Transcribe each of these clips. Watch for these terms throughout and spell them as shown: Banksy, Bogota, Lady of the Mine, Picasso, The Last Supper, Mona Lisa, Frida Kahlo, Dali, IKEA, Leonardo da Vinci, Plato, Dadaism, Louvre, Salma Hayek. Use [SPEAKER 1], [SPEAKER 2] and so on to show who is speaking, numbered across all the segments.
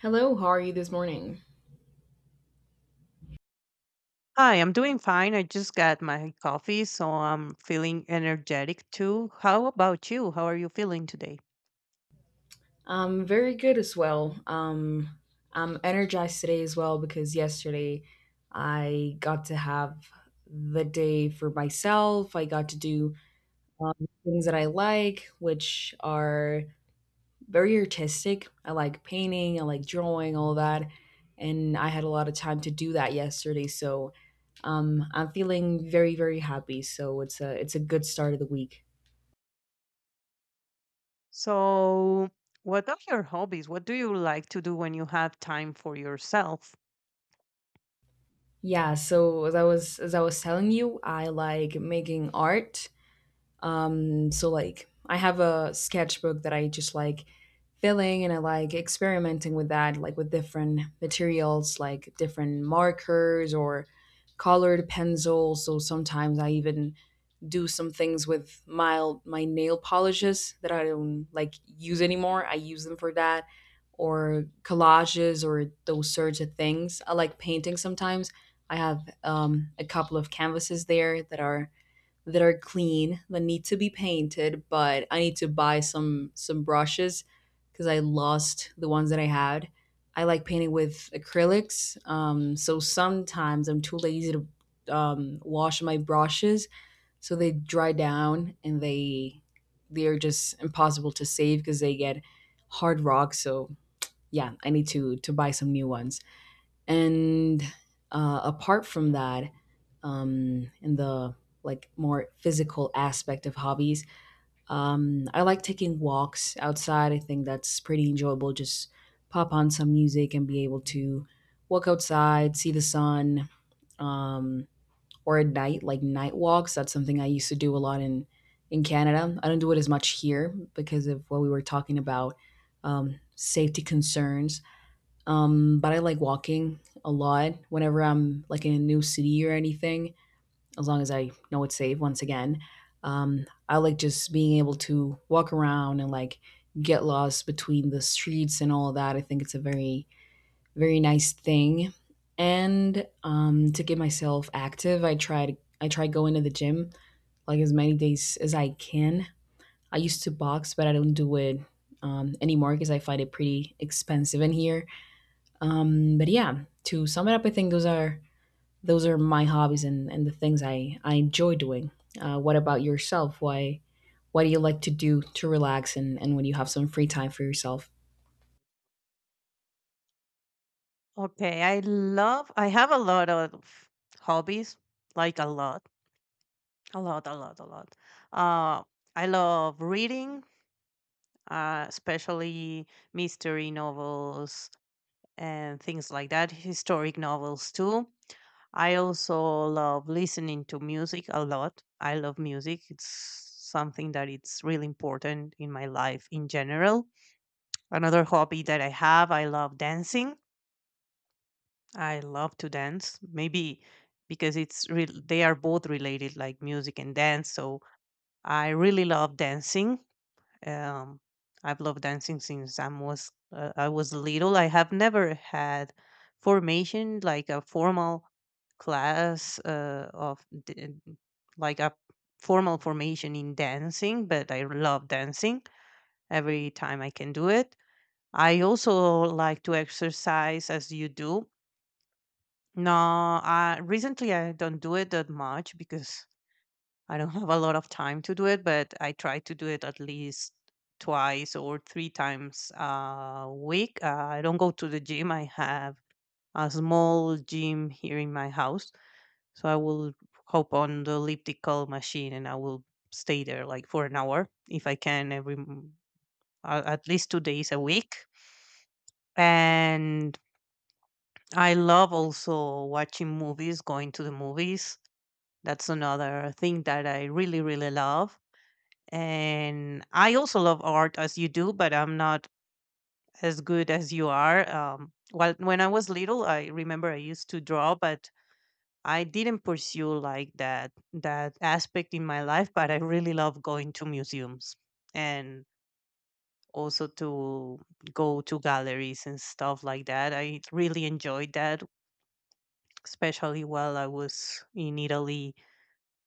[SPEAKER 1] Hello, how are you this morning?
[SPEAKER 2] Hi, I'm doing fine. I just got my coffee, so I'm feeling energetic too. How about you? How are you feeling today?
[SPEAKER 1] Very good as well. I'm energized today as well because yesterday I got to have the day for myself. I got to do things that I like, which are very artistic. I like painting, I like drawing, all that. And I had a lot of time to do that yesterday, so I'm feeling very, very happy. So it's a good start of the week.
[SPEAKER 2] So, what are your hobbies? What do you like to do when you have time for yourself?
[SPEAKER 1] Yeah, so as I was telling you, I like making art. So like I have a sketchbook that I just like filling, and I like experimenting with that, like with different materials, like different markers or colored pencils. So sometimes I even do some things with my nail polishes that I don't like use anymore. I use them for that, or collages or those sorts of things. I like painting sometimes. I have a couple of canvases there that are clean that need to be painted, but I need to buy some brushes because I lost the ones that I had. I like painting with acrylics, so sometimes I'm too lazy to wash my brushes, so they dry down and they are just impossible to save because they get hard rock. So yeah, I need to buy some new ones. And apart from that, in the like more physical aspect of hobbies, I like taking walks outside. I think that's pretty enjoyable. Just pop on some music and be able to walk outside, see the sun, um, or at night, like night walks. That's something I used to do a lot in Canada. I don't do it as much here because of what we were talking about, safety concerns. But I like walking a lot whenever I'm like in a new city or anything, as long as I know it's safe. Once again, I like just being able to walk around and like get lost between the streets and all that. I think it's a very very nice thing. And to get myself active, I try going to the gym like as many days as I can. I used to box, but I don't do it anymore because I find it pretty expensive in here. But yeah, to sum it up, I think those are my hobbies and the things I enjoy doing. What about yourself? Why What do you like to do to relax and when you have some free time for yourself?
[SPEAKER 2] Okay, I have a lot of hobbies, like a lot, a lot, a lot, a lot. Uh, I love reading, especially mystery novels and things like that, historic novels too. I also love listening to music a lot. I love music. It's something that it's really important in my life in general. Another hobby that I have, I love dancing. I love to dance. Maybe because it's real they are both related, like music and dance. So I really love dancing. Um, I've loved dancing since I was little. I have never had formation, like a formal class, like a formal formation in dancing, but I love dancing every time I can do it. I also like to exercise as you do. No, I recently, I don't do it that much because I don't have a lot of time to do it, but I try to do it at least twice or three times a week. I don't go to the gym. I have a small gym here in my house, so I will hop on the elliptical machine and I will stay there like for an hour if I can every at least 2 days a week. And I love also watching movies, going to the movies. That's another thing that I really, really love. And I also love art as you do, but I'm not as good as you are. Well, when I was little, I remember I used to draw, but I didn't pursue like that aspect in my life. But I really love going to museums and also to go to galleries and stuff like that. I really enjoyed that, especially while I was in Italy.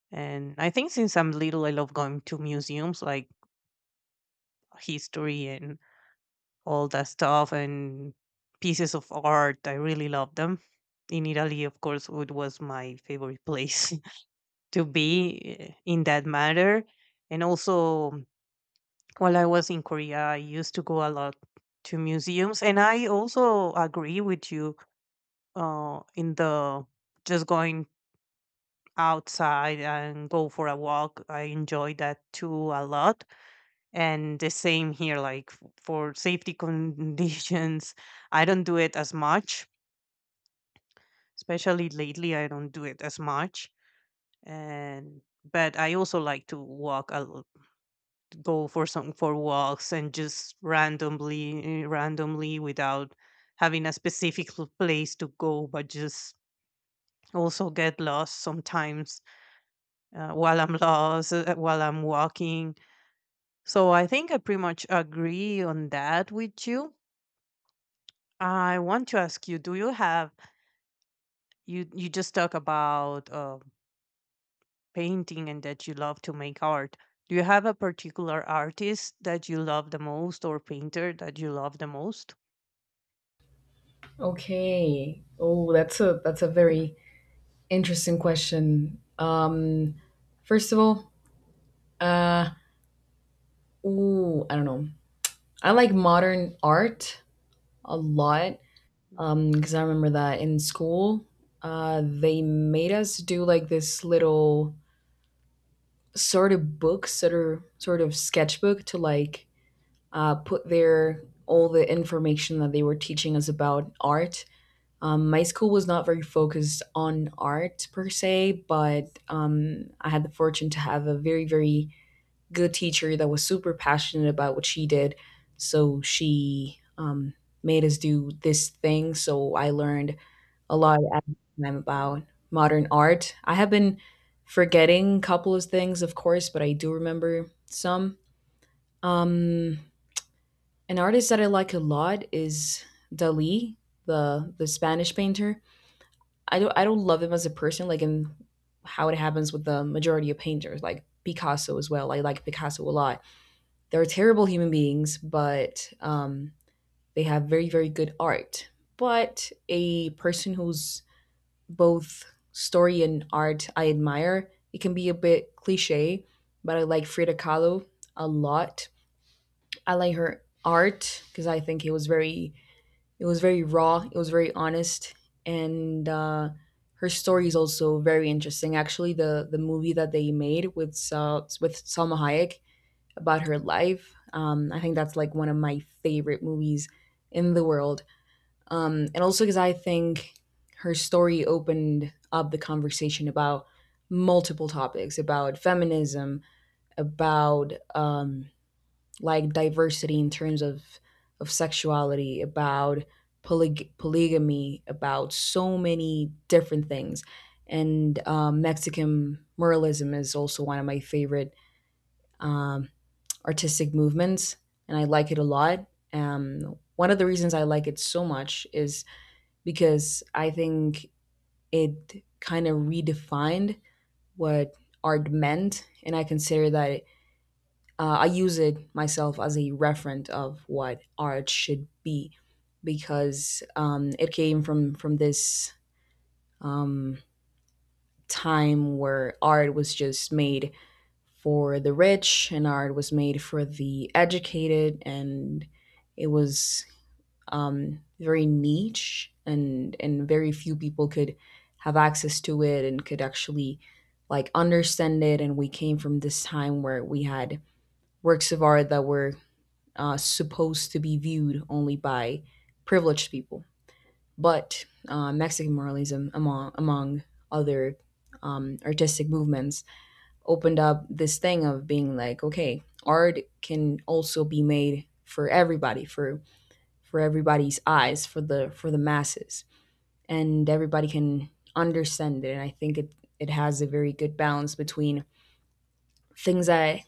[SPEAKER 2] And I think since I'm little, I love going to museums, like history and all that stuff, and pieces of art. I really love them. In Italy, of course, it was my favorite place to be, in that matter. And also, while I was in Korea, I used to go a lot to museums. And I also agree with you, in the just going outside and go for a walk. I enjoy that too a lot. And the same here, like for safety conditions, I don't do it as much. Especially lately, I don't do it as much. And but I also like to walk, go for some for walks and just randomly without having a specific place to go, but just also get lost sometimes, while I'm walking. So I think I pretty much agree on that with you. I want to ask you, do you have you just talk about painting and that you love to make art. Do you have a particular artist that you love the most or painter that you love the most?
[SPEAKER 1] Okay. Oh, that's a very interesting question. First of all, uh, I don't know. I like modern art a lot
[SPEAKER 2] Mm.
[SPEAKER 1] because I remember that in school, they made us do like this little sort of book, sort of sketchbook to like put their all the information that they were teaching us about art. My school was not very focused on art per se, but I had the fortune to have a very very good teacher that was super passionate about what she did. So she made us do this thing. So I learned a lot at the time about modern art. I have been forgetting a couple of things, of course, but I do remember some. Um, an artist that I like a lot is Dali, the Spanish painter. I don't love him as a person, like in how it happens with the majority of painters, like Picasso as well. I like Picasso a lot. They're terrible human beings, but they have very, very good art. But a person who's both story and art I admire, it can be a bit cliche, but I like Frida Kahlo a lot. I like her art because I think it was very raw, it was very honest, and her story is also very interesting. Actually, the movie that they made with Salma Hayek about her life. I think that's like one of my favorite movies in the world. And also because I think her story opened up the conversation about multiple topics, about feminism, about like diversity in terms of sexuality, about polygamy, about so many different things. And Mexican moralism is also one of my favorite um, artistic movements, and I like it a lot. One of the reasons I like it so much is because I think it kind of redefined what art meant, and I consider that it, I use it myself as a referent of what art should be because it came from this um, time where art was just made for the rich and art was made for the educated, and it was very niche and very few people could have access to it and could actually like understand it. And we came from this time where we had works of art that were supposed to be viewed only by privileged people, but mexican muralism, among among other artistic movements, opened up this thing of being like, okay, art can also be made for everybody, for everybody's eyes, for the masses, and everybody can understand it. And I think it it has a very good balance between things that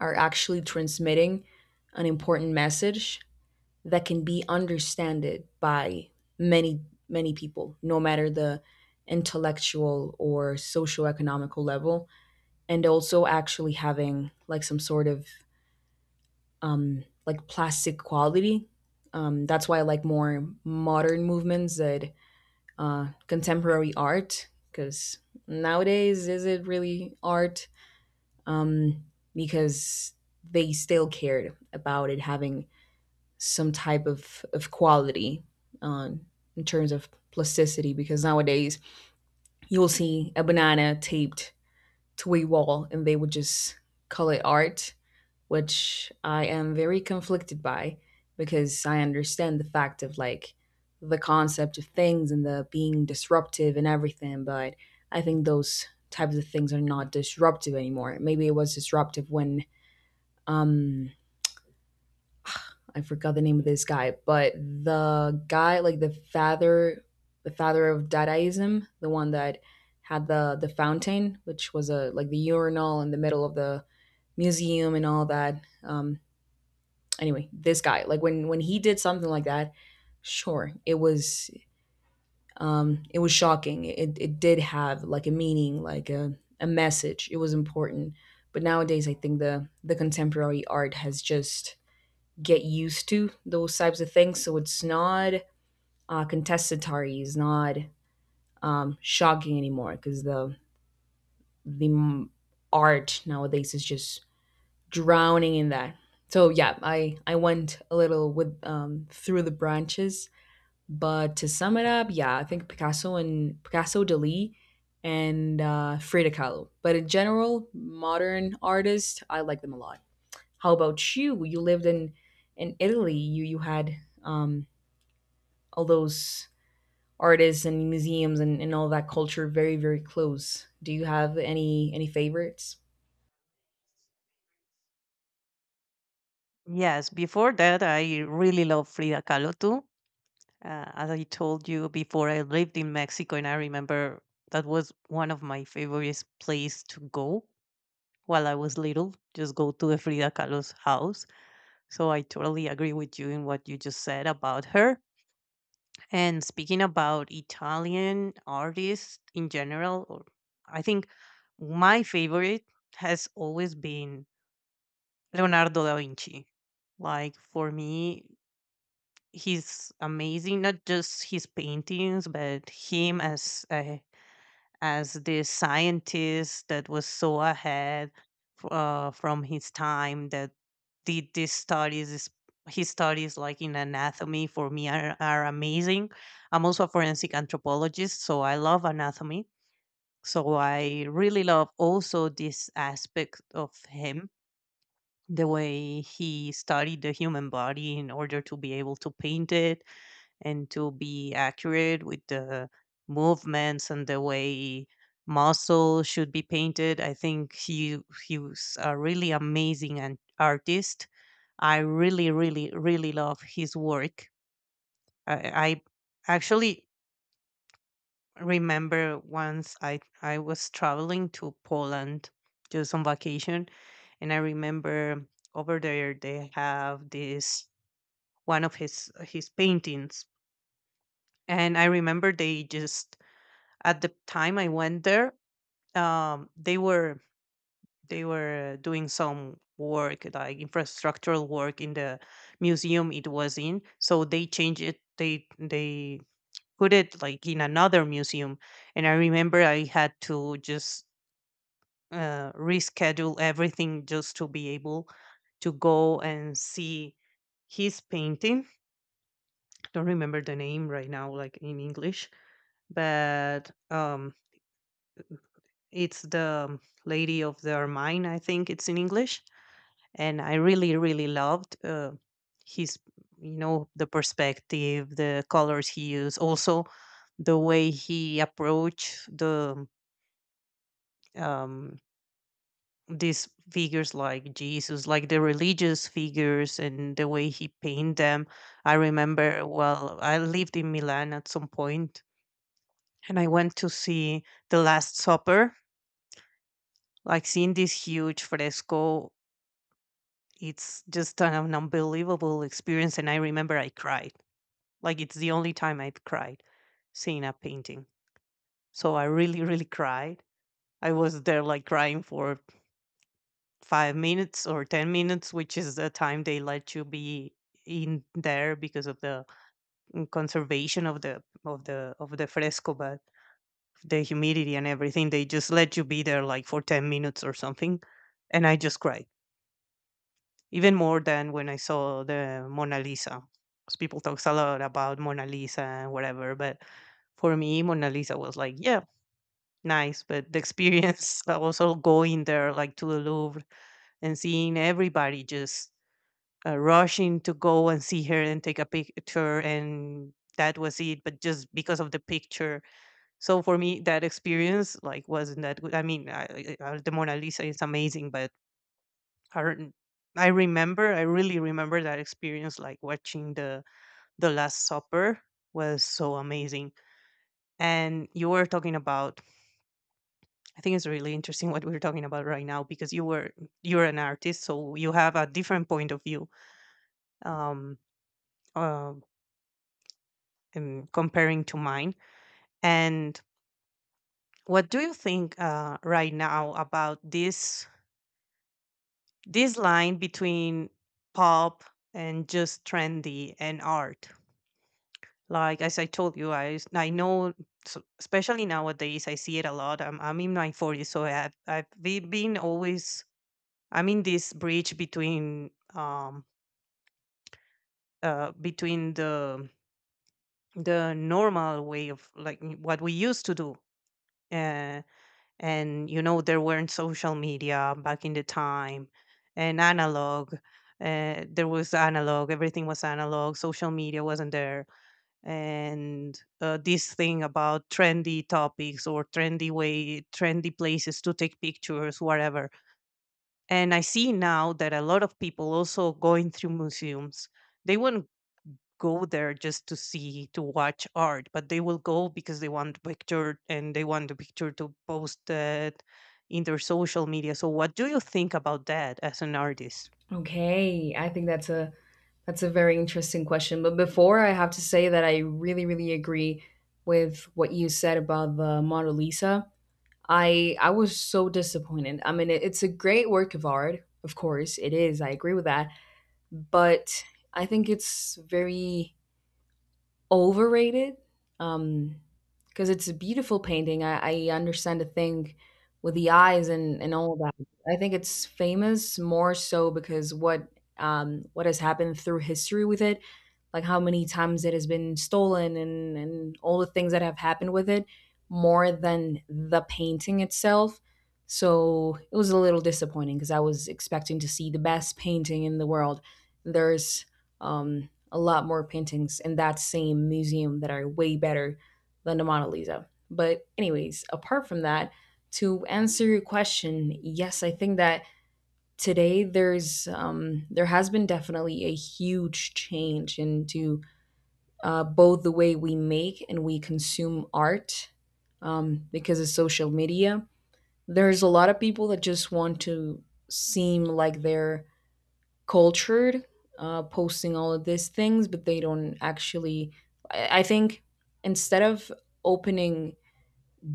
[SPEAKER 1] are actually transmitting an important message that can be understood by many many people, no matter the intellectual or socio-economical level, and also actually having like some sort of like plastic quality. That's why I like more modern movements than contemporary art, because nowadays is it really art? Um, because they still cared about it having some type of quality um, in terms of plasticity, because nowadays you'll see a banana taped to a wall and they would just call it art, which I am very conflicted by because I understand the fact of like the concept of things and the being disruptive and everything, but I think those types of things are not disruptive anymore. Maybe it was disruptive when um I forgot the name of this guy, but the guy like the father of Dadaism, the one that had the fountain, which was a like the urinal in the middle of the museum and all that. Anyway, this guy, like when he did something like that, sure, it was shocking. It did have like a meaning, like a message. It was important. But nowadays I think the contemporary art has just get used to those types of things. So it's not contestatory, it's not shocking anymore because the the m- art nowadays is just drowning in that. So yeah, I went a little with through the branches. But to sum it up, yeah, I think Picasso, Dali, and Frida Kahlo. But in general, modern artists, I like them a lot. How about you? You lived in Italy. You had um, all those artists and museums and all that culture very very close. Do you have any favorites?
[SPEAKER 2] Yes, before that, I really love Frida Kahlo too. As I told you before, I lived in Mexico and I remember that was one of my favorite place to go while I was little, just go to the Frida Kahlo's house. So I totally agree with you in what you just said about her. And speaking about Italian artists in general, or I think my favorite has always been Leonardo da Vinci. Like for me, he's amazing, not just his paintings, but him as the scientist that was so ahead, from his time, that did these studies, his studies, like in anatomy, for me are amazing. I'm also a forensic anthropologist, so I love anatomy. So I really love also this aspect of him, the way he studied the human body in order to be able to paint it and to be accurate with the movements and the way muscle should be painted. I think he was a really amazing and artist. I really, really, really love his work. I, I actually remember once I was traveling to Poland just on vacation, and I remember over there they have this, one of his paintings, and I remember they just at the time I went there, um, they were they were doing some work, like infrastructural work, in the museum it was in. So they changed it. They put it like in another museum, and I remember I had to just reschedule everything just to be able to go and see his painting. Don't remember the name right now, like in English, but it's the Lady of the Mine, I think it's in English, and I really, really loved, his, the perspective, the colors he used, also the way he approached um, these figures like Jesus, like the religious figures, and the way he painted them. I remember, well, I lived in Milan at some point, and I went to see The Last Supper. Like seeing this huge fresco, it's just an unbelievable experience, and I remember I cried. Like, it's the only time I've cried seeing a painting. So I really, really cried. I was there, like, crying for 5 minutes or 10 minutes, which is the time they let you be in there because of the, conservation of the fresco, but the humidity and everything, they just let you be there like for 10 minutes or something. And I just cried. Even more than when I saw the Mona Lisa, 'cause people talks a lot about Mona Lisa and whatever, but for me, Mona Lisa was like, yeah, nice, but the experience of also going there, like to the Louvre, and seeing everybody just rushing to go and see her and take a picture, and that was it. But just because of the picture, so for me, that experience like wasn't that good. I mean, the Mona Lisa is amazing, but current I remember, I really remember that experience, like watching the Last Supper was so amazing. And you were talking about. I think it's really interesting what we're talking about right now, because you're an artist, so you have a different point of view, um uh, in comparing to mine. And what do you think, right now, about this line between pop and just trendy and art? Like, as I told you, I know, so especially nowadays, I see it a lot. I'm in my 40s, so I've been always. I'm in this bridge between, between the normal way of, what we used to do, uh, and you know, there weren't social media back in the time, and analog. There was analog. Everything was analog. Social media wasn't there, and this thing about trendy topics, or trendy places to take pictures, whatever. And I see now that a lot of people also going through museums, they won't go there just to watch art, but they will go because they want the picture, and they want the picture to post that in their social media. So what do you think about that as an artist?
[SPEAKER 1] Okay, I think that's a very interesting question. But before I have to say that I really, really agree with what you said about the Mona Lisa. I was so disappointed. I mean, it's a great work of art, of course it is. I agree with that, but I think it's very overrated um because it's a beautiful painting. I understand the thing with the eyes and all that. I think it's famous more so because what has happened through history with it, like how many times it has been stolen and all the things that have happened with it, more than the painting itself. So it was a little disappointing because I was expecting to see the best painting in the world. There's um a lot more paintings in that same museum that are way better than the Mona Lisa. But, anyways, apart from that, to answer your question, yes, I think that today there's there has been definitely a huge change into both the way we make and we consume art because of social media. There's a lot of people that just want to seem like they're cultured, posting all of these things, but they don't actually — I think, instead of opening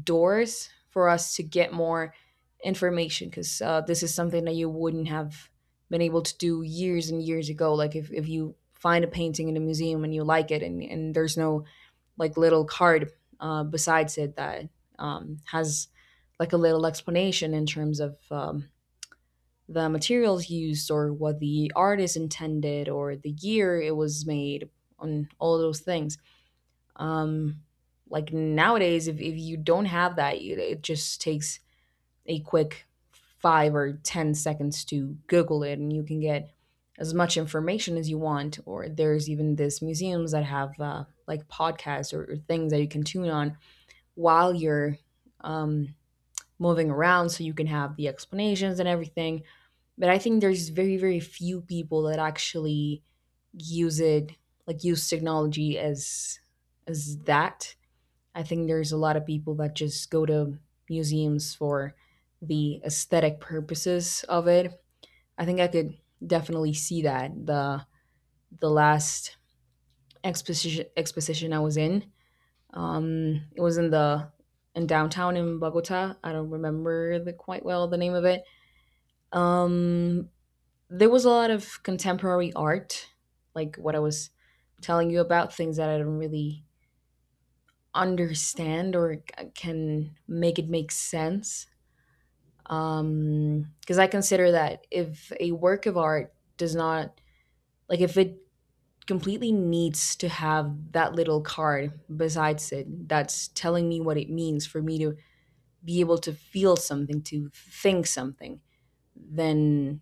[SPEAKER 1] doors for us to get more information, because this is something that you wouldn't have been able to do years and years ago. Like, if you find a painting in a museum and you like it, and there's no like little card besides it that has like a little explanation in terms of the materials used, or what the artist intended, or the year it was made, on all those things. Um, like nowadays, if you don't have that, it just takes a quick 5 or 10 seconds to Google it, and you can get as much information as you want. Or there's even this museums that have like podcasts, or things that you can tune on while you're um, moving around, so you can have the explanations and everything. But I think there's very, very few people that actually use it, like use technology as that. I think there's a lot of people that just go to museums for the aesthetic purposes of it. I think I could definitely see that. The last exposition I was in, it was in downtown in Bogota. I don't remember the quite well the name of it. Um, there was a lot of contemporary art, like what I was telling you about, things that I don't really understand, or can make it make sense. Because I consider that if a work of art does not, like, if it completely needs to have that little card besides it that's telling me what it means for me to be able to feel something, to think something, then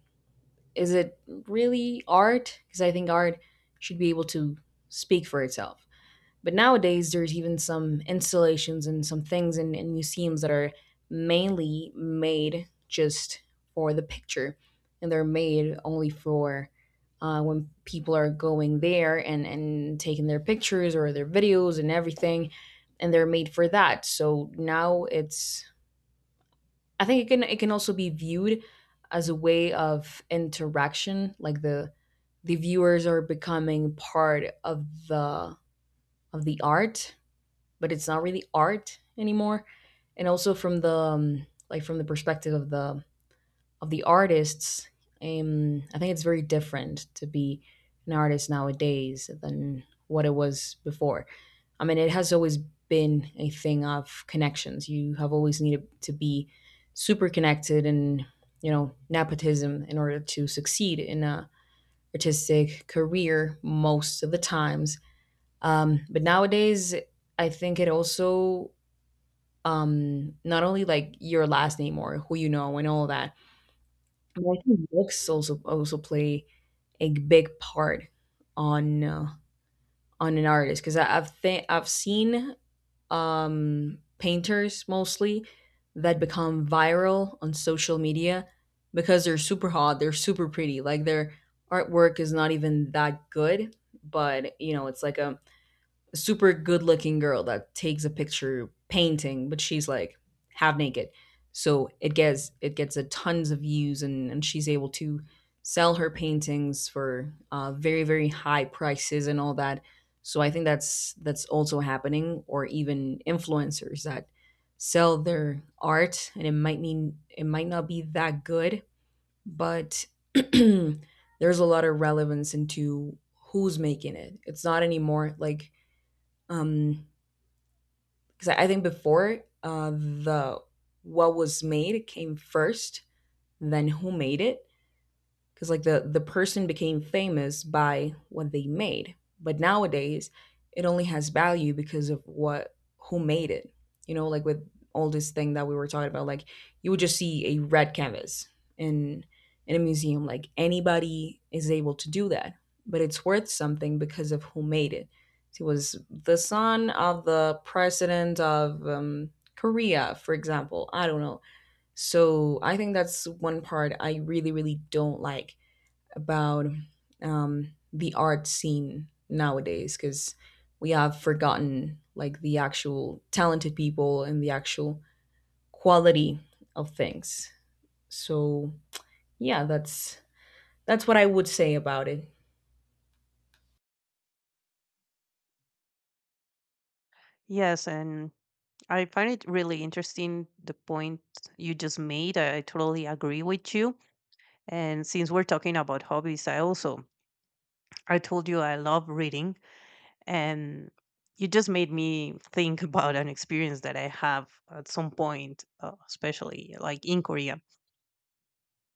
[SPEAKER 1] is it really art? Because I think art should be able to speak for itself. But nowadays, there's even some installations and some things in museums that are mainly made just for the picture, and they're made only for when people are going there and taking their pictures or their videos and everything, and they're made for that. So now it's — I think it can also be viewed as a way of interaction, like the viewers are becoming part of the art, but it's not really art anymore. And also from the like from the perspective of the artists, I think it's very different to be an artist nowadays than what it was before. I mean, it has always been a thing of connections. You have always needed to be super connected and nepotism in order to succeed in a artistic career most of the times. But nowadays, I think it also — not only like your last name or who you know and all that, and I think books also play a big part on uh, on an artist, because I've seen painters mostly that become viral on social media because they're super hot, they're super pretty. Like, their artwork is not even that good, but you know it's like a super good looking girl that takes a picture painting, but she's like half naked. So it gets a tons of views, and she's able to sell her paintings for very, very high prices and all that. So I think that's also happening, or even influencers that sell their art and it might not be that good, but there's a lot of relevance into who's making it. It's not anymore like — um, 'cause I think before, the what was made came first, then who made it, because, like, the person became famous by what they made, but nowadays it only has value because of what who made it. You know, like with all this thing that we were talking about, like, you would just see a red canvas in in a museum, like anybody is able to do that, but it's worth something because of who made it. He was the son of the president of Korea, for example. I don't know. So I think that's one part I really, really don't like about the art scene nowadays, because we have forgotten, like, the actual talented people and the actual quality of things. So yeah, that's what I would say about it.
[SPEAKER 2] Yes, and I find it really interesting the point you just made. I totally agree with you. And since we're talking about hobbies, I told you I love reading, and you just made me think about an experience that I have at some point, especially like in Korea.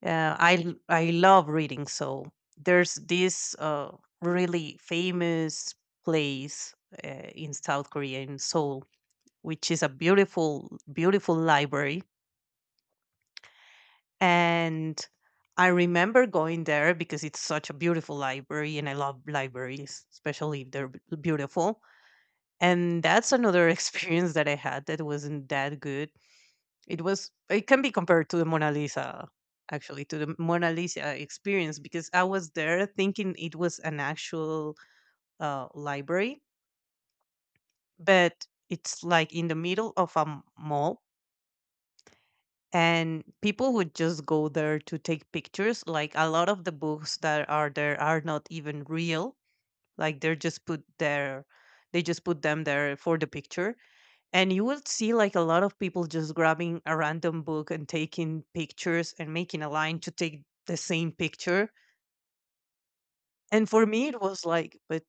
[SPEAKER 2] I love reading, so there's this really famous place, in South Korea, in Seoul, which is a beautiful, beautiful library. And I remember going there because it's such a beautiful library, and I love libraries, especially if they're beautiful. And that's another experience that I had that wasn't that good. It was it can be compared to the Mona Lisa, actually to the Mona Lisa experience, because I was there thinking it was an actual library, but it's like in the middle of a mall. And people would just go there to take pictures. Like, a lot of the books that are there are not even real, like they're just put there, they just put them there for the picture. And you would see, like, a lot of people just grabbing a random book and taking pictures and making a line to take the same picture. And for me it was like, but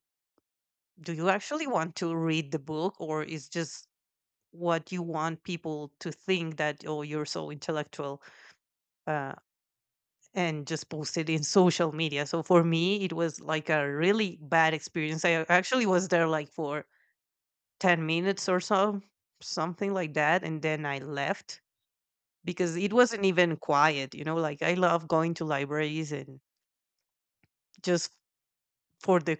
[SPEAKER 2] do you actually want to read the book, or is just what you want people to think that, oh, you're so intellectual. Uh, and just posted in social media. So for me, it was like a really bad experience. I actually was there like for 10 minutes or so, something like that. And then I left because it wasn't even quiet. You know, like, I love going to libraries and just for the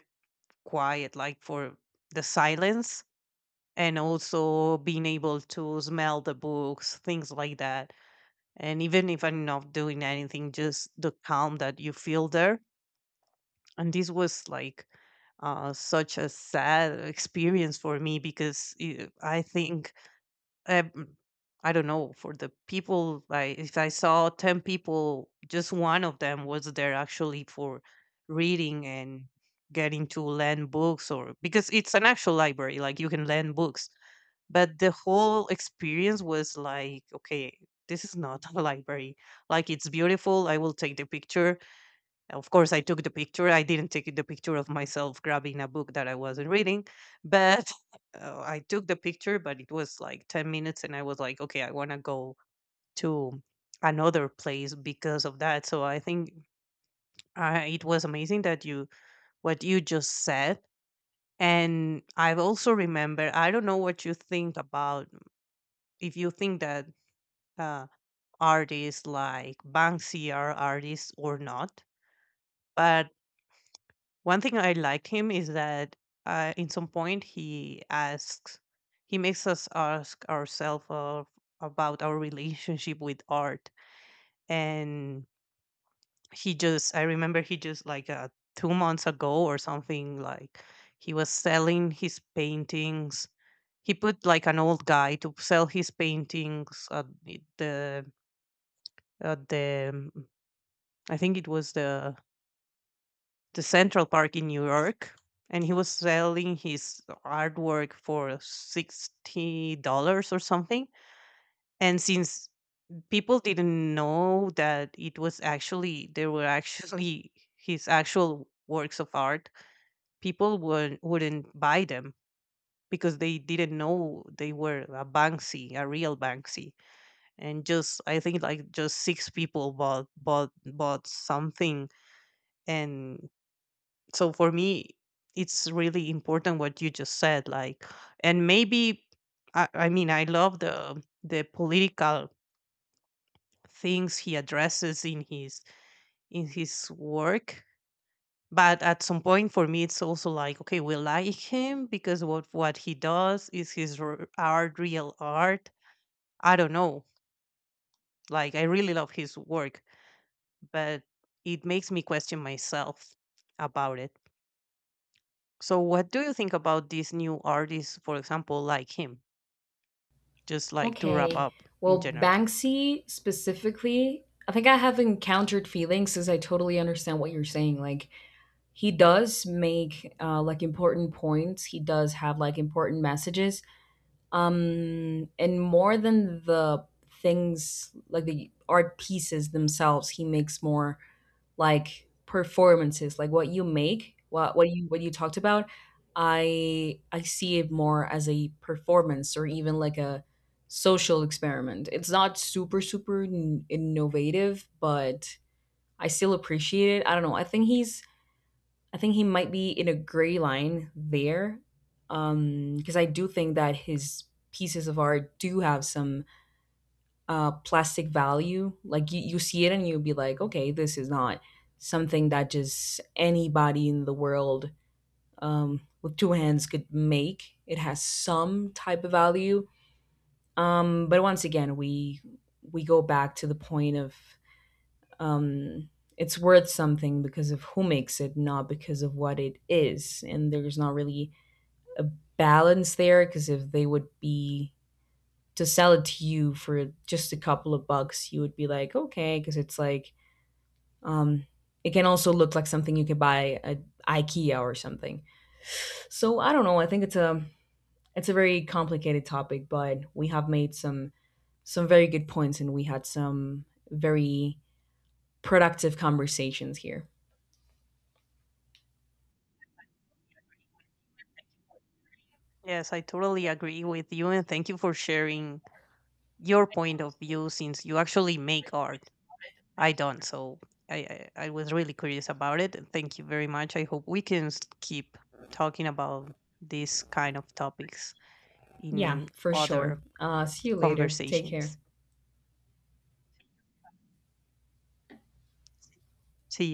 [SPEAKER 2] quiet, like for the silence, and also being able to smell the books, things like that. And even if I'm not doing anything, just the calm that you feel there. And this was like such a sad experience for me, because I think uh, mm, I don't know, for the people. Like, if I saw 10 people, just one of them was there actually for reading and getting to lend books, or because it's an actual library, like you can lend books. But the whole experience was like, okay, this is not a library. Like, it's beautiful. I will take the picture. Of course, I took the picture. I didn't take the picture of myself grabbing a book that I wasn't reading, but I took the picture. But it was like 10 minutes, and I was like, okay, I want to go to another place because of that. So I think it was amazing that what you just said. And I have also remember, I don't know what you think about, if you think that uh, artists like Banksy are artists or not. But one thing I liked him is that in some point he asks, he makes us ask ourselves of, about our relationship with art. And he just, I remember he just like 2 months ago or something, like he was selling his paintings. He put like an old guy to sell his paintings at at I think it was the to Central Park in New York, and he was selling his artwork for $60 or something. And since people didn't know that it was actually, they were actually his actual works of art, wouldn't buy them because they didn't know they were a Banksy, a real Banksy. And just, I think like just 6 people bought something. And so for me, it's really important what you just said, like, and maybe I mean, I love the political things he addresses in his work. But at some point, for me, it's also like, okay, we like him because what he does is his art, real art. I don't know, like, I really love his work, but it makes me question myself about it. So what do you think about these new artists, for example, like him, just like to wrap
[SPEAKER 1] Okay.
[SPEAKER 2] up in
[SPEAKER 1] Well,
[SPEAKER 2] general?
[SPEAKER 1] Banksy specifically, I think I have encountered feelings, since I totally understand what you're saying. Like, he does make like important points, he does have like important messages, and, more than the things like the art pieces themselves, he makes more like performances, like what you make what you talked about. I see it more as a performance or even like a social experiment. It's not super super innovative, but I still appreciate it. I don't know. I think he's — I think he might be in a gray line there, because I do think that his pieces of art do have some plastic value. Like, you see it and you'll be like, okay, this is not something that just anybody in the world, with two hands, could make. It has some type of value, but once again, we go back to the point of — um, it's worth something because of who makes it, not because of what it is. And there's not really a balance there, because if they would be to sell it to you for just a couple of bucks, you would be like, okay, because it's like, um, it can also look like something you could buy at IKEA or something. So I don't know. I think it's a very complicated topic, but we have made some very good points, and we had some very productive conversations here.
[SPEAKER 2] Yes, I totally agree with you, and thank you for sharing your point of view, since you actually make art. I don't, so I was really curious about it. And thank you very much. I hope we can keep talking about these kind of topics
[SPEAKER 1] Yeah,
[SPEAKER 2] in
[SPEAKER 1] for sure.
[SPEAKER 2] other
[SPEAKER 1] See you later. Take care.
[SPEAKER 2] conversations. See